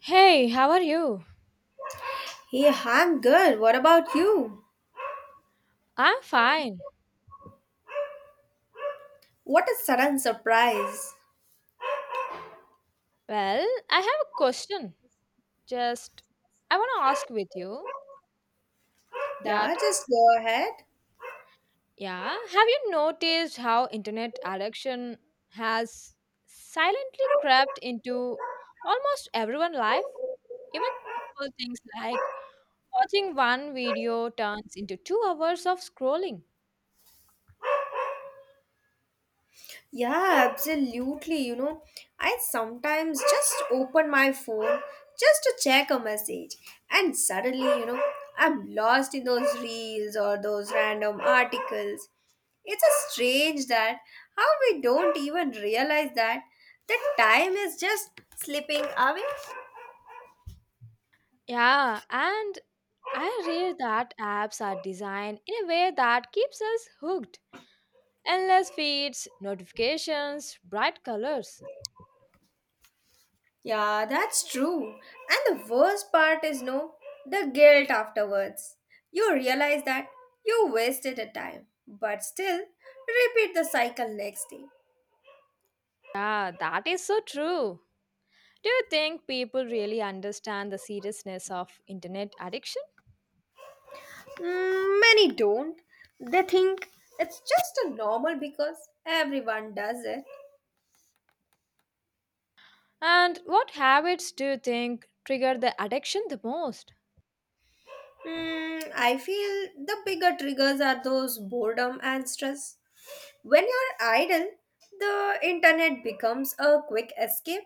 Hey, how are you? Hey, I'm good. What about you? I'm fine. What a sudden surprise. Well, I have a question. Just I want to ask with you Yeah, that just go ahead. yeah, have you noticed how internet addiction has silently crept into almost everyone's life? Even simple things like watching one video turns into 2 hours of scrolling. Yeah, absolutely. You know, I sometimes just open my phone just to check a message, and suddenly, I'm lost in those reels or those random articles. It's a strange that how we don't even realize that the time is just slipping away. Yeah, and I read that apps are designed in a way that keeps us hooked. Endless feeds, notifications, bright colors. Yeah, that's true. And the worst part is no, the guilt afterwards. You realize that you wasted a time, but still repeat the cycle next day. Yeah, that is so true. Do you think people really understand the seriousness of internet addiction? Many don't. They think it's just a normal because everyone does it. And what habits do you think trigger the addiction the most? I feel the bigger triggers are those boredom and stress. When you're idle, the internet becomes a quick escape.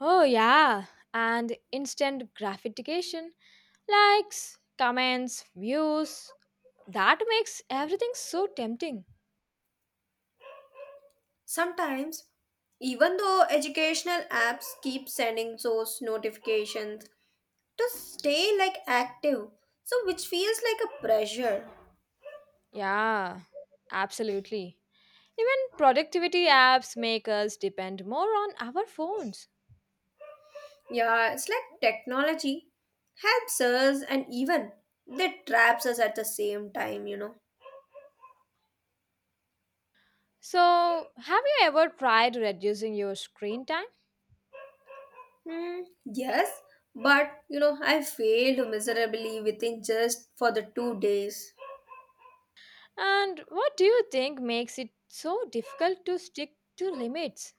Oh, yeah, and instant gratification, likes, comments, views. That makes everything so tempting. Sometimes, even though educational apps keep sending those notifications to stay like active, so which feels like a pressure. Yeah, absolutely. Even productivity apps make us depend more on our phones. Yeah, it's like technology helps us and even they traps us at the same time, you know. So, have you ever tried reducing your screen time? Yes, but you know, I failed miserably within just for the 2 days. And what do you think makes it so difficult to stick to limits?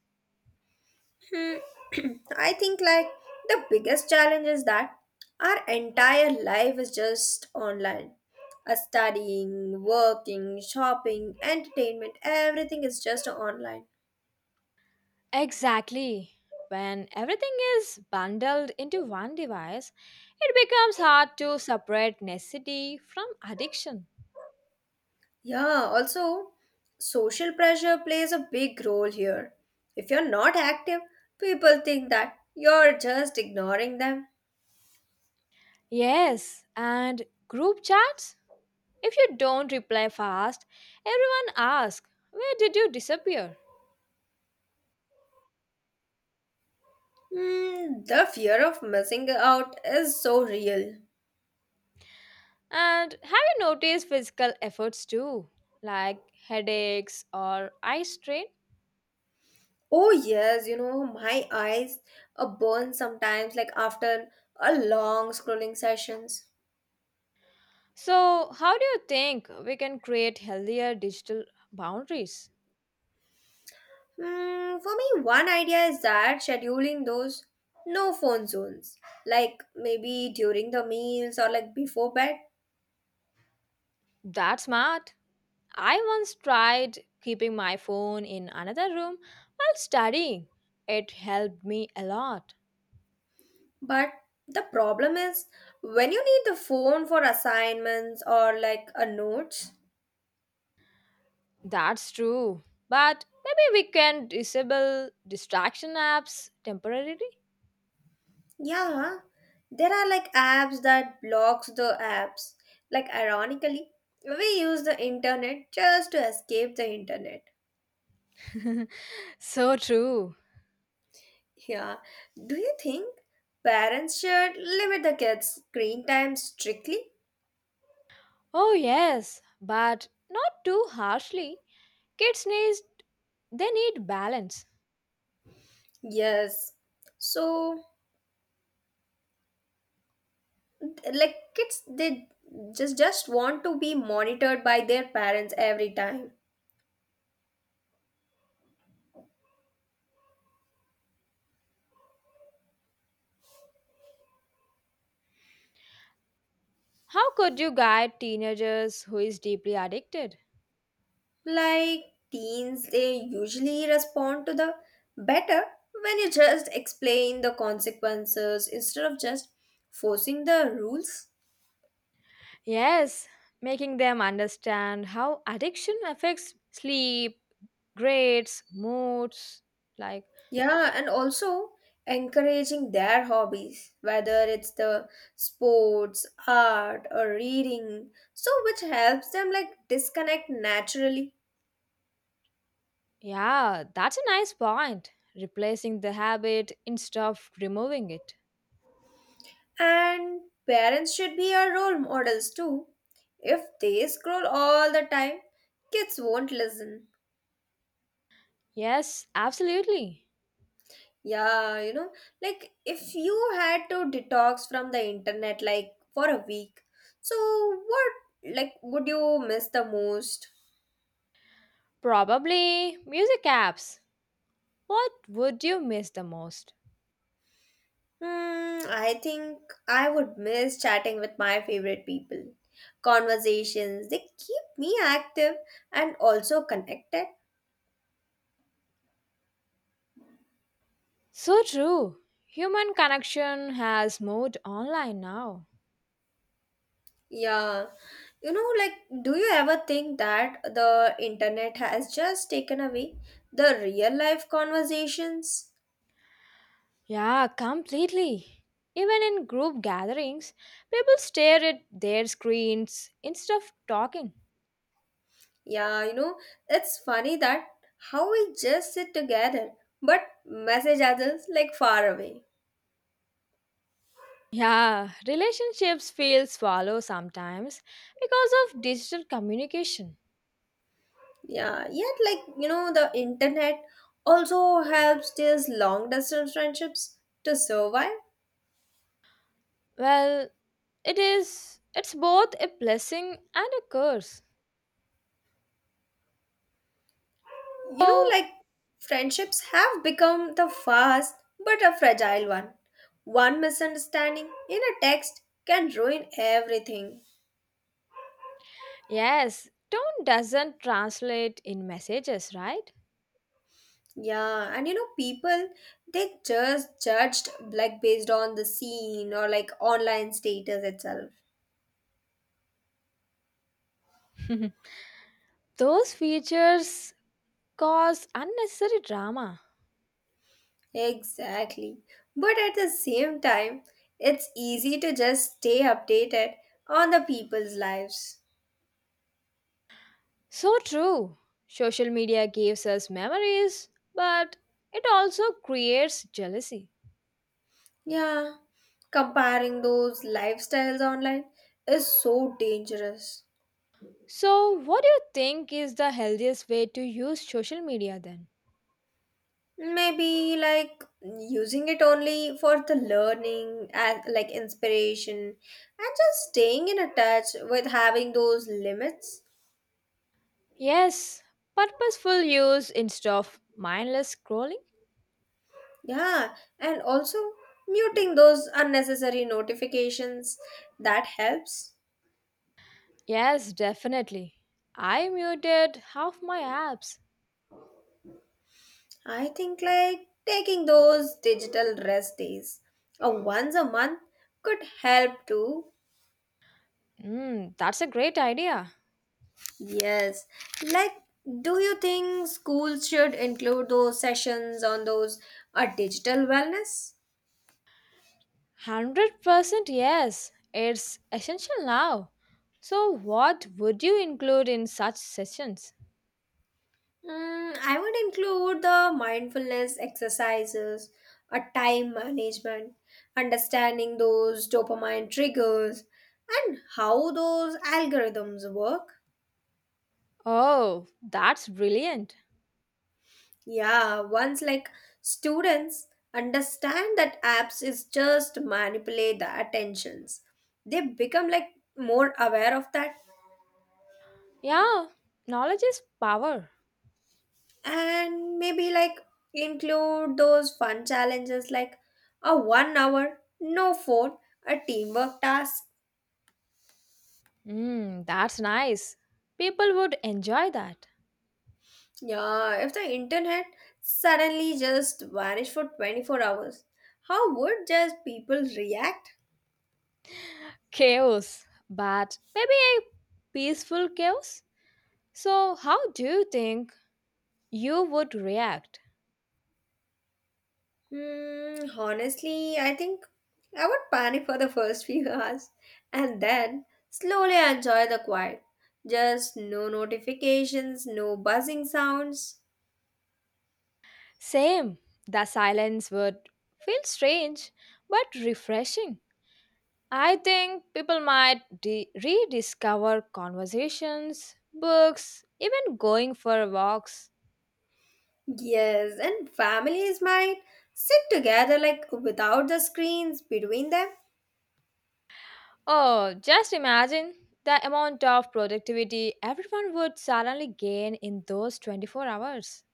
Hmm, I think like the biggest challenge is that our entire life is just online. Studying, working, shopping, entertainment, everything is just online. Exactly. When everything is bundled into one device, it becomes hard to separate necessity from addiction. Yeah, also, social pressure plays a big role here. If you're not active, people think that you're just ignoring them. Yes, and group chats? If you don't reply fast, everyone asks, "Where did you disappear?" The fear of missing out is so real. And have you noticed physical efforts too, like headaches or eye strain? Oh yes, you know, my eyes are burn sometimes like after a long scrolling sessions. So, how do you think we can create healthier digital boundaries? For me one idea is that scheduling those no phone zones. Like maybe during the meals or like before bed. That's smart. I once tried keeping my phone in another room while studying. It helped me a lot. But the problem is when you need the phone for assignments or like a notes, That's true. But maybe we can disable distraction apps temporarily. yeah, there are like apps that blocks the apps. Like ironically, we use the internet just to escape the internet. So true. Yeah. Do you think parents should limit the kids' screen time strictly? Oh, yes, but not too harshly. Kids need they need balance. Yes. So like kids they just want to be monitored by their parents every time. How could you guide teenagers who is deeply addicted? Like teens, they usually respond to the better when you just explain the consequences instead of just forcing the rules. Yes, making them understand how addiction affects sleep, grades, moods. Like, Yeah, and also encouraging their hobbies, whether it's the sports, art, or reading, so which helps them like disconnect naturally. yeah, that's a nice point. Replacing the habit instead of removing it. And parents should be our role models too. If they scroll all the time, kids won't listen. Yes, absolutely. Yeah, you know, like if you had to detox from the internet like for a week, so what like would you miss the most? Probably music apps. What would you miss the most? I think I would miss chatting with my favorite people. Conversations, they keep me active and also connected. So true. Human connection has moved online now. Yeah. You know, like do you ever think that the internet has just taken away the real life conversations? Yeah, completely. Even in group gatherings, people stare at their screens instead of talking. Yeah, you know, it's funny that how we just sit together but message others like far away. Yeah, relationships feel swallow sometimes because of digital communication. Yeah, yet, like, you know, the internet also helps these long distance friendships to survive. Well, it's both a blessing and a curse. You know, So, like, friendships have become the fast but a fragile one. One misunderstanding in a text can ruin everything. yes, tone doesn't translate in messages, right? Yeah, and you know, people they just judged like based on the scene or like online status itself. Those features cause unnecessary drama. Exactly. But at the same time, it's easy to just stay updated on the people's lives. So true. Social media gives us memories, but it also creates jealousy. Yeah, comparing those lifestyles online is so dangerous. So, what do you think is the healthiest way to use social media then? Maybe like using it only for the learning and like inspiration and just staying in a touch with having those limits. Yes, purposeful use instead of mindless scrolling? Yeah, and also muting those unnecessary notifications that helps. Yes, definitely. I muted half my apps. I think like taking those digital rest days or once a month could help too. Mm, that's a great idea. Yes. Like, do you think schools should include those sessions on those digital wellness? 100% yes, it's essential now. So, what would you include in such sessions? I would include the mindfulness exercises, a time management, understanding those dopamine triggers, and how those algorithms work. Oh, that's brilliant. Yeah, once like students understand that apps is just manipulate the attentions, they become like more aware of that. Yeah, knowledge is power. And maybe like include those fun challenges like a 1 hour no phone a teamwork task. Hmm, that's nice. People would enjoy that. Yeah if the internet suddenly just vanished for 24 hours how would just people react? Chaos, but maybe a peaceful chaos? So, how do you think you would react? Honestly I think I would panic for the first few hours and then slowly enjoy the quiet, just no notifications no buzzing sounds. Same, the silence would feel strange but refreshing. I think people might rediscover conversations, books, even going for walks. Yes, and families might sit together like without the screens between them. Oh, just imagine the amount of productivity everyone would suddenly gain in those 24 hours.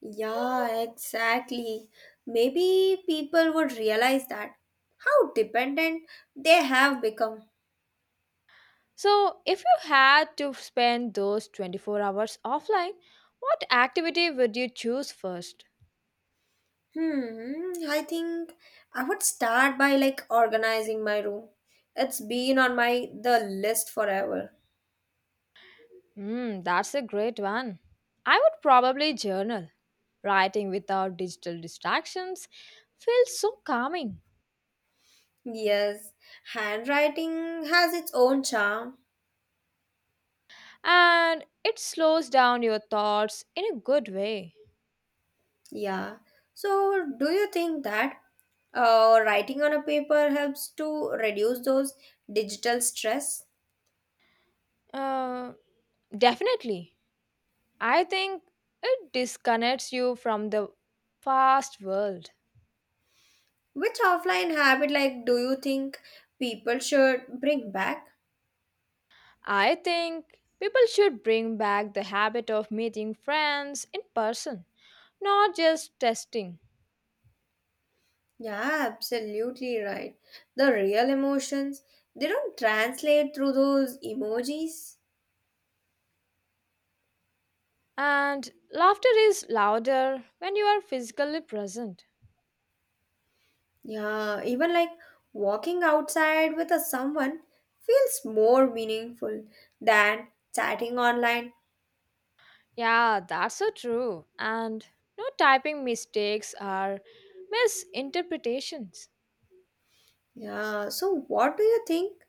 Yeah, exactly. Maybe people would realize that how dependent they have become. So, if you had to spend those 24 hours offline, what activity would you choose first? I think I would start by like organizing my room. It's been on my the list forever. Hmm, that's a great one. I would probably journal. Writing without digital distractions feels so calming. Yes, handwriting has its own charm. And it slows down your thoughts in a good way. Yeah. So, do you think that writing on a paper helps to reduce those digital stress? Uh, Definitely. I think it disconnects you from the fast world. Which offline habit, like, do you think people should bring back? I think people should bring back the habit of meeting friends in person, not just testing. Yeah, absolutely right. The real emotions, they don't translate through those emojis. And laughter is louder when you are physically present. Yeah, even like walking outside with a someone feels more meaningful than chatting online. Yeah, that's so true. And no typing mistakes are misinterpretations. Yeah, so what do you think?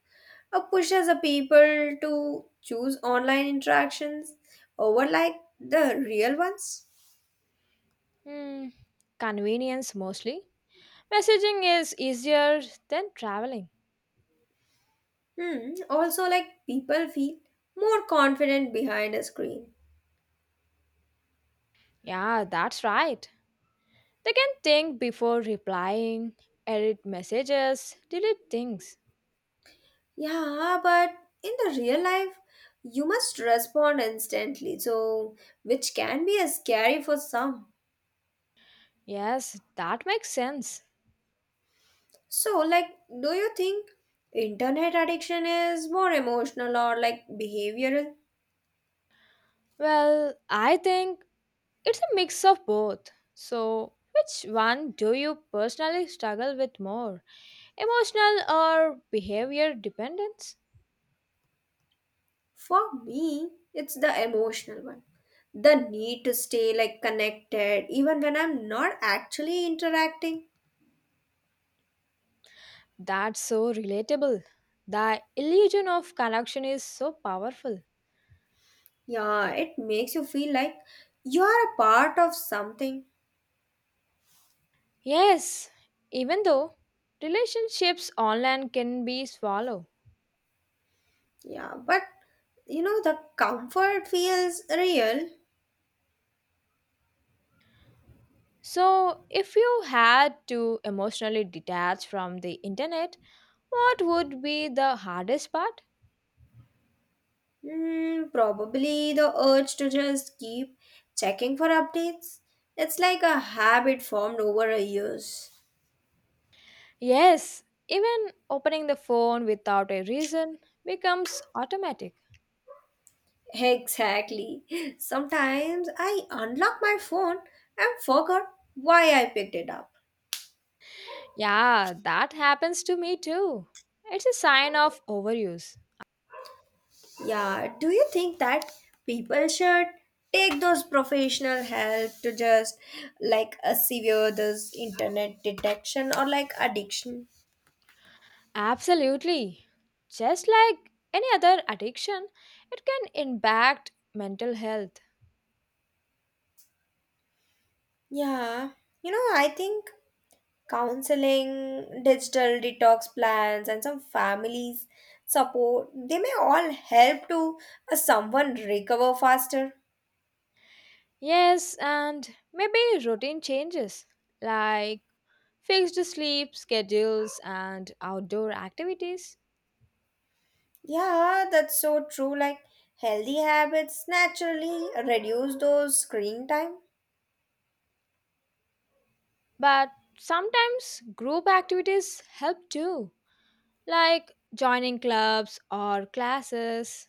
Pushes the people to choose online interactions over like the real ones. Hmm, convenience mostly. Messaging is easier than traveling. Hmm. Also, like people feel more confident behind a screen. Yeah, that's right. They can think before replying, edit messages, delete things. Yeah, but in the real life, you must respond instantly, so which can be a scary for some. Yes, that makes sense. So, like, do you think internet addiction is more emotional or like behavioral? Well, I think it's a mix of both. So, which one do you personally struggle with more? Emotional or behavior dependence? For me, it's the emotional one. The need to stay like connected even when I'm not actually interacting. That's so relatable. The illusion of connection is so powerful. Yeah, it makes you feel like you are a part of something. Yes, even though relationships online can be swallow. Yeah, but you know the comfort feels real. So, if you had to emotionally detach from the internet, what would be the hardest part? Probably the urge to just keep checking for updates. It's like a habit formed over a years. Yes, even opening the phone without a reason becomes automatic. Exactly. Sometimes I unlock my phone and forgot why I picked it up. Yeah, that happens to me too. It's a sign of overuse. Yeah, do you think that people should take those professional help to just like a severe this internet detection or like addiction? Absolutely. Just like any other addiction, it can impact mental health. Yeah, you know, I think counseling, digital detox plans, and some families support they may all help to someone recover faster. Yes, and maybe routine changes like fixed sleep schedules and outdoor activities. Yeah, that's so true. Like healthy habits naturally reduce those screen time. But sometimes group activities help too, like joining clubs or classes.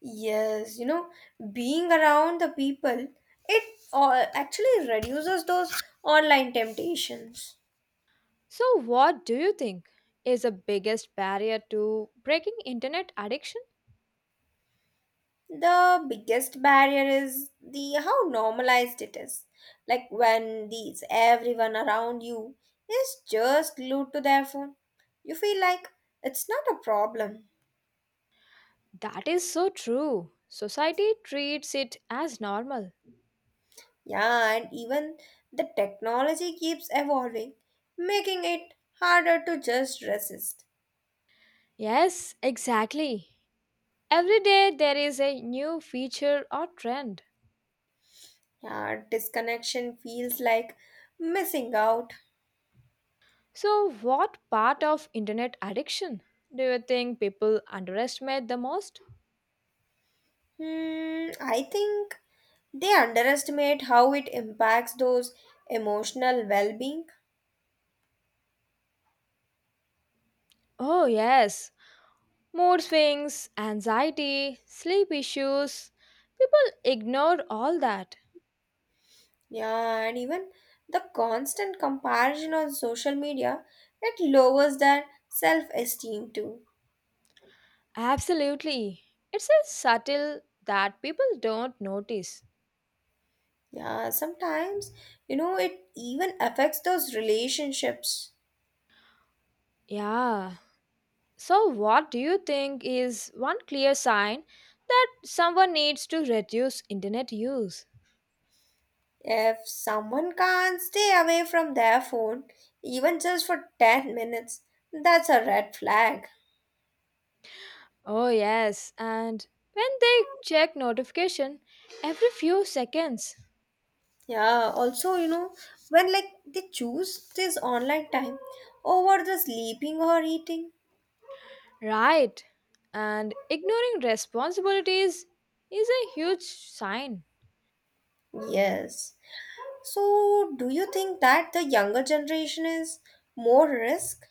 Yes, you know, being around the people, it all actually reduces those online temptations. So, what do you think is the biggest barrier to breaking internet addiction? The biggest barrier is the how normalized it is. Like when these everyone around you is just glued to their phone, you feel like it's not a problem. That is so true. Society treats it as normal. Yeah, and even the technology keeps evolving, making it harder to just resist. Yes, exactly. Every day there is a new feature or trend. Yeah, disconnection feels like missing out. So, what part of internet addiction do you think people underestimate the most? I think they underestimate how it impacts those emotional well being. Oh, yes, mood swings, anxiety, sleep issues. People ignore all that. Yeah, and even the constant comparison on social media, it lowers their self esteem too. Absolutely. It's a subtle that people don't notice. Yeah, sometimes, you know, it even affects those relationships. Yeah. So, what do you think is one clear sign that someone needs to reduce internet use? If someone can't stay away from their phone, even just for 10 minutes, that's a red flag. Oh, yes, and when they check notification every few seconds. Yeah, also, you know, when like they choose this online time over the sleeping or eating. Right, and ignoring responsibilities is a huge sign. Yes. So, do you think that the younger generation is more risk?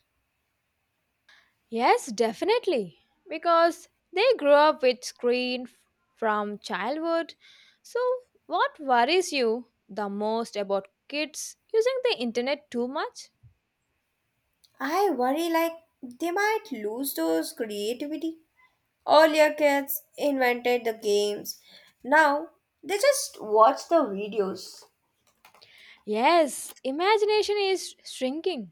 Yes, definitely, because they grow up with from childhood. So, what worries you the most about kids using the internet too much? I worry like they might lose those creativity. Earlier kids invented the games. Now they just watch the videos. Yes, imagination is shrinking.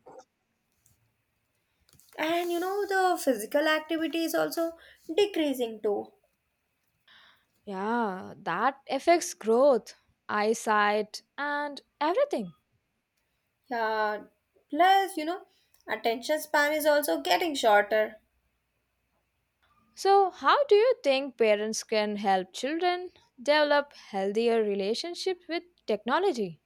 And you know the physical activity is also decreasing too. Yeah, that affects growth, eyesight, and everything. Yeah plus you know attention span is also getting shorter. So, how do you think parents can help children develop healthier relationships with technology?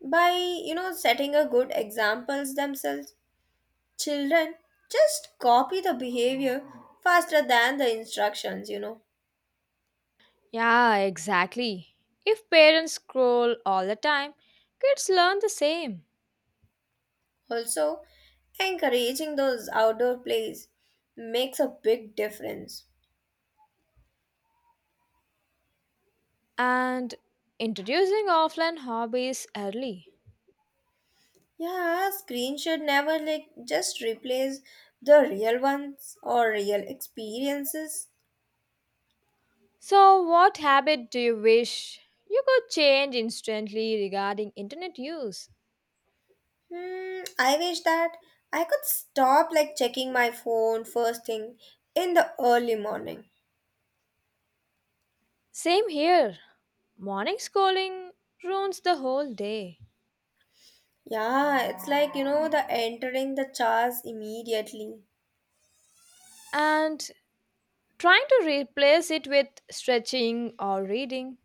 By you know setting a good examples themselves, children just copy the behavior faster than the instructions, you know. Yeah, exactly. If parents scroll all the time, kids learn the same. Also encouraging those outdoor plays makes a big difference. And introducing offline hobbies early. Yeah, screen should never like just replace the real ones or real experiences. So, what habit do you wish you could change instantly regarding internet use? I wish that I could stop like checking my phone first thing in the early morning. Same here. Morning schooling ruins the whole day, Yeah, it's like you know the entering the charge immediately. and trying to replace it with stretching or reading.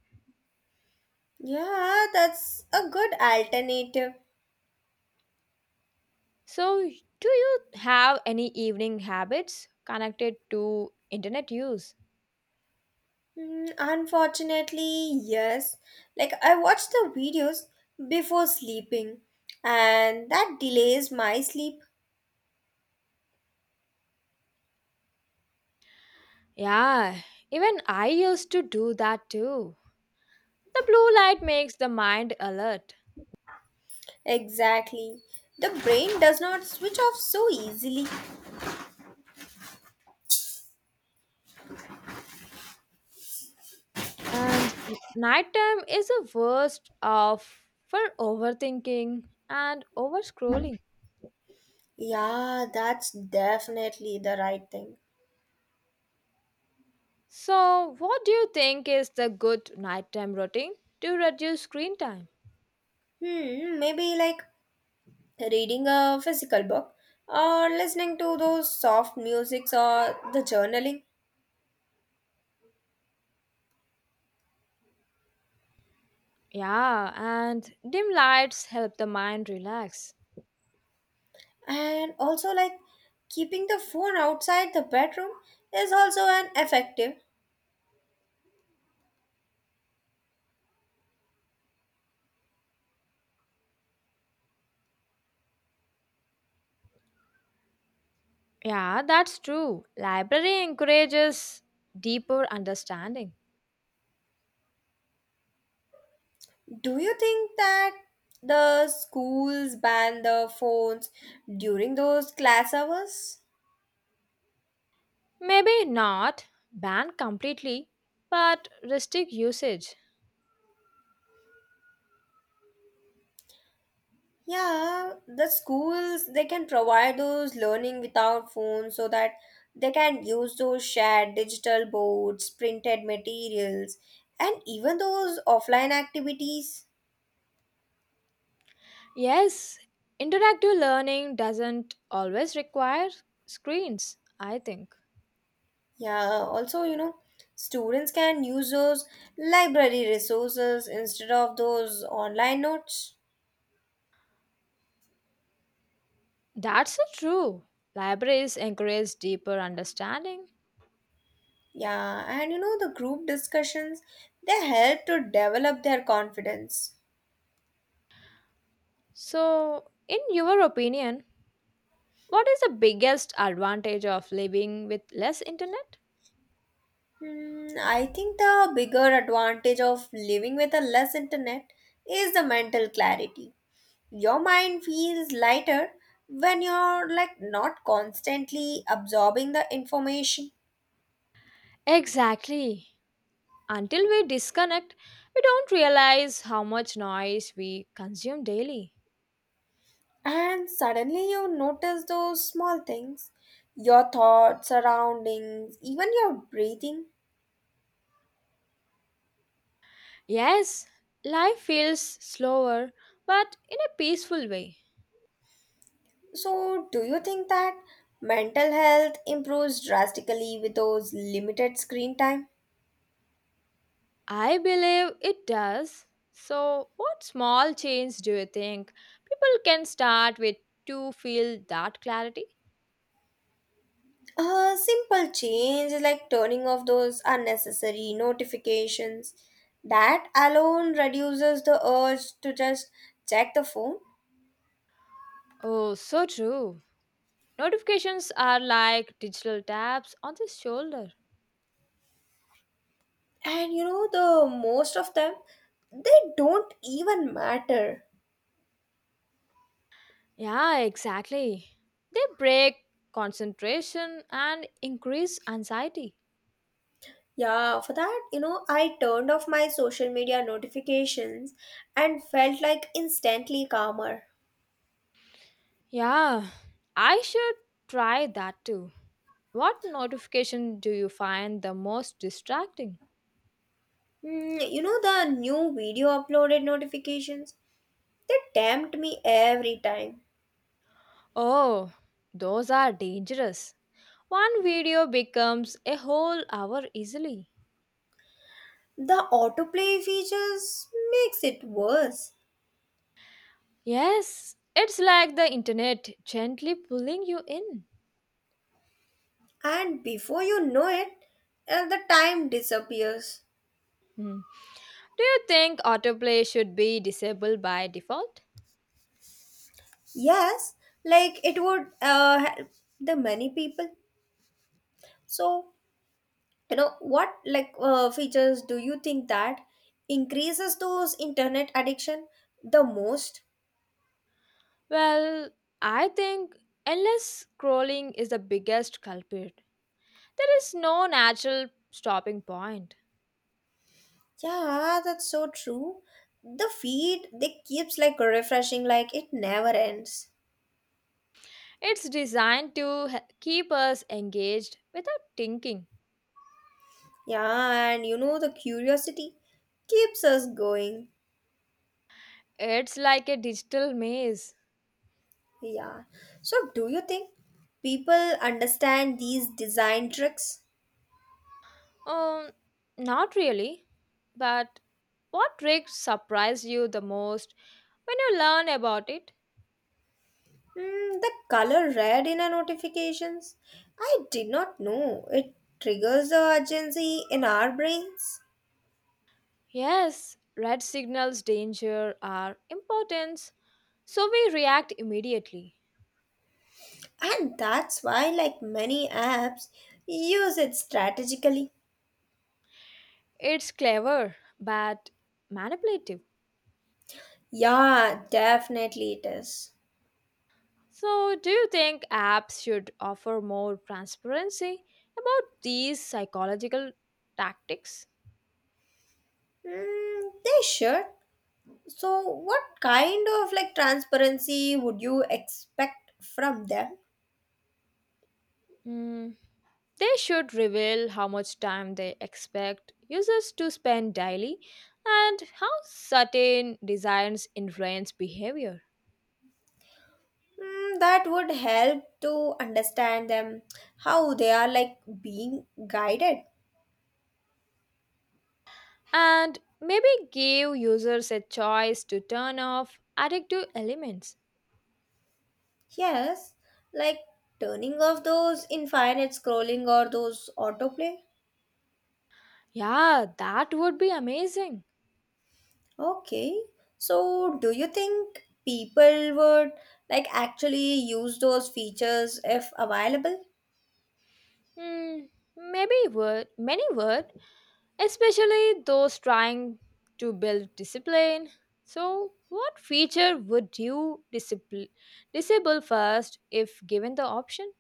Yeah, that's a good alternative. So, do you have any evening habits connected to internet use? Unfortunately, yes. Like I watch the videos before sleeping and that delays my sleep. Yeah, even I used to do that too. The blue light makes the mind alert, Exactly. The brain does not switch off so easily. and nighttime is the worst of for overthinking and overscrolling. Yeah, that's definitely the right thing. So, what do you think is the good nighttime routine to reduce screen time? Maybe like reading a physical book or listening to those soft musics or the journaling. Yeah, and dim lights help the mind relax. And also like keeping the phone outside the bedroom is also an effective. Yeah, that's true. Library encourages deeper understanding. Do you think that the schools ban the phones during those class hours? Maybe not ban completely, but restrict usage. Yeah, the schools they can provide those learning without phones so that they can use those shared digital boards, printed materials, and even those offline activities. Yes, interactive learning doesn't always require screens, I think. Yeah, also, you know, students can use those library resources instead of those online notes. That's so true. Libraries encourage deeper understanding. Yeah, and you know, the group discussions they help to develop their confidence. So, in your opinion, what is the biggest advantage of living with less internet? I think the bigger advantage of living with a less internet is the mental clarity. Your mind feels lighter when you're like not constantly absorbing the information. Exactly. Until we disconnect, we don't realize how much noise we consume daily. And suddenly you notice those small things, your thoughts, surroundings, even your breathing. Yes, life feels slower, but in a peaceful way. So, do you think that mental health improves drastically with those limited screen time? I believe it does. So, what small change do you think people can start with to feel that clarity? A simple change is like turning off those unnecessary notifications. That alone reduces the urge to just check the phone. Oh, so true. Notifications are like digital taps on the shoulder. And you know, the most of them, they don't even matter. Yeah, exactly. They break concentration and increase anxiety. Yeah, for that, you know, I turned off my social media notifications and felt like instantly calmer. Yeah, I should try that too. What notification do you find the most distracting? You know, the new video uploaded notifications, they tempt me every time. Oh, those are dangerous. One video becomes a whole hour easily. The autoplay features makes it worse, Yes, it's like the internet gently pulling you in. and before you know it, the time disappears. Hmm. Do you think autoplay should be disabled by default? Yes, like it would help the many people. So you know what like features do you think that increases those internet addiction the most? Well, I think endless scrolling is the biggest culprit. There is no natural stopping point. Yeah, that's so true. The feed they keeps like refreshing like it never ends. It's designed to keep us engaged without thinking. Yeah, and you know the curiosity keeps us going. It's like a digital maze. Yeah. So, do you think people understand these design tricks? Um, Not really. But what trick surprised you the most when you learn about it? The color red in our notifications? I did not know. It triggers the urgency in our brains. Yes, red signals danger are important. So we react immediately. And that's why, like many apps, use it strategically. It's clever, but manipulative. Yeah, definitely it is. So, do you think apps should offer more transparency about these psychological tactics? They should. So, what kind of like transparency would you expect from them? Mm, they should reveal how much time they expect users to spend daily and how certain designs influence behavior. That would help to understand them, how they are like being guided. And maybe give users a choice to turn off addictive elements. Yes, like turning off those infinite scrolling or those autoplay. Yeah, that would be amazing. Okay, so do you think people would like actually use those features if available? Hmm, maybe would many would, especially those trying to build discipline. So, what feature would you disable first if given the option?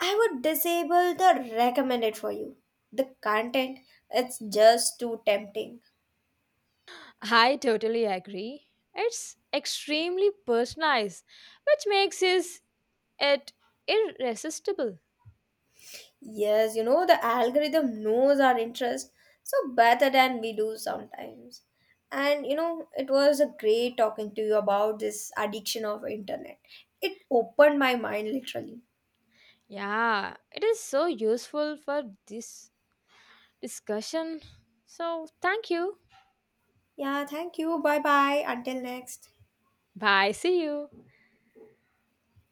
I would disable the recommended for you. The content, it's just too tempting. I totally agree. It's extremely personalized, which makes is it irresistible. Yes, you know, the algorithm knows our interest so better than we do sometimes. And you know, it was a great talking to you about this addiction of internet. It opened my mind literally. Yeah, it is so useful for this discussion. So, thank you. Yeah, thank you. Bye bye. Until next. Bye. See you.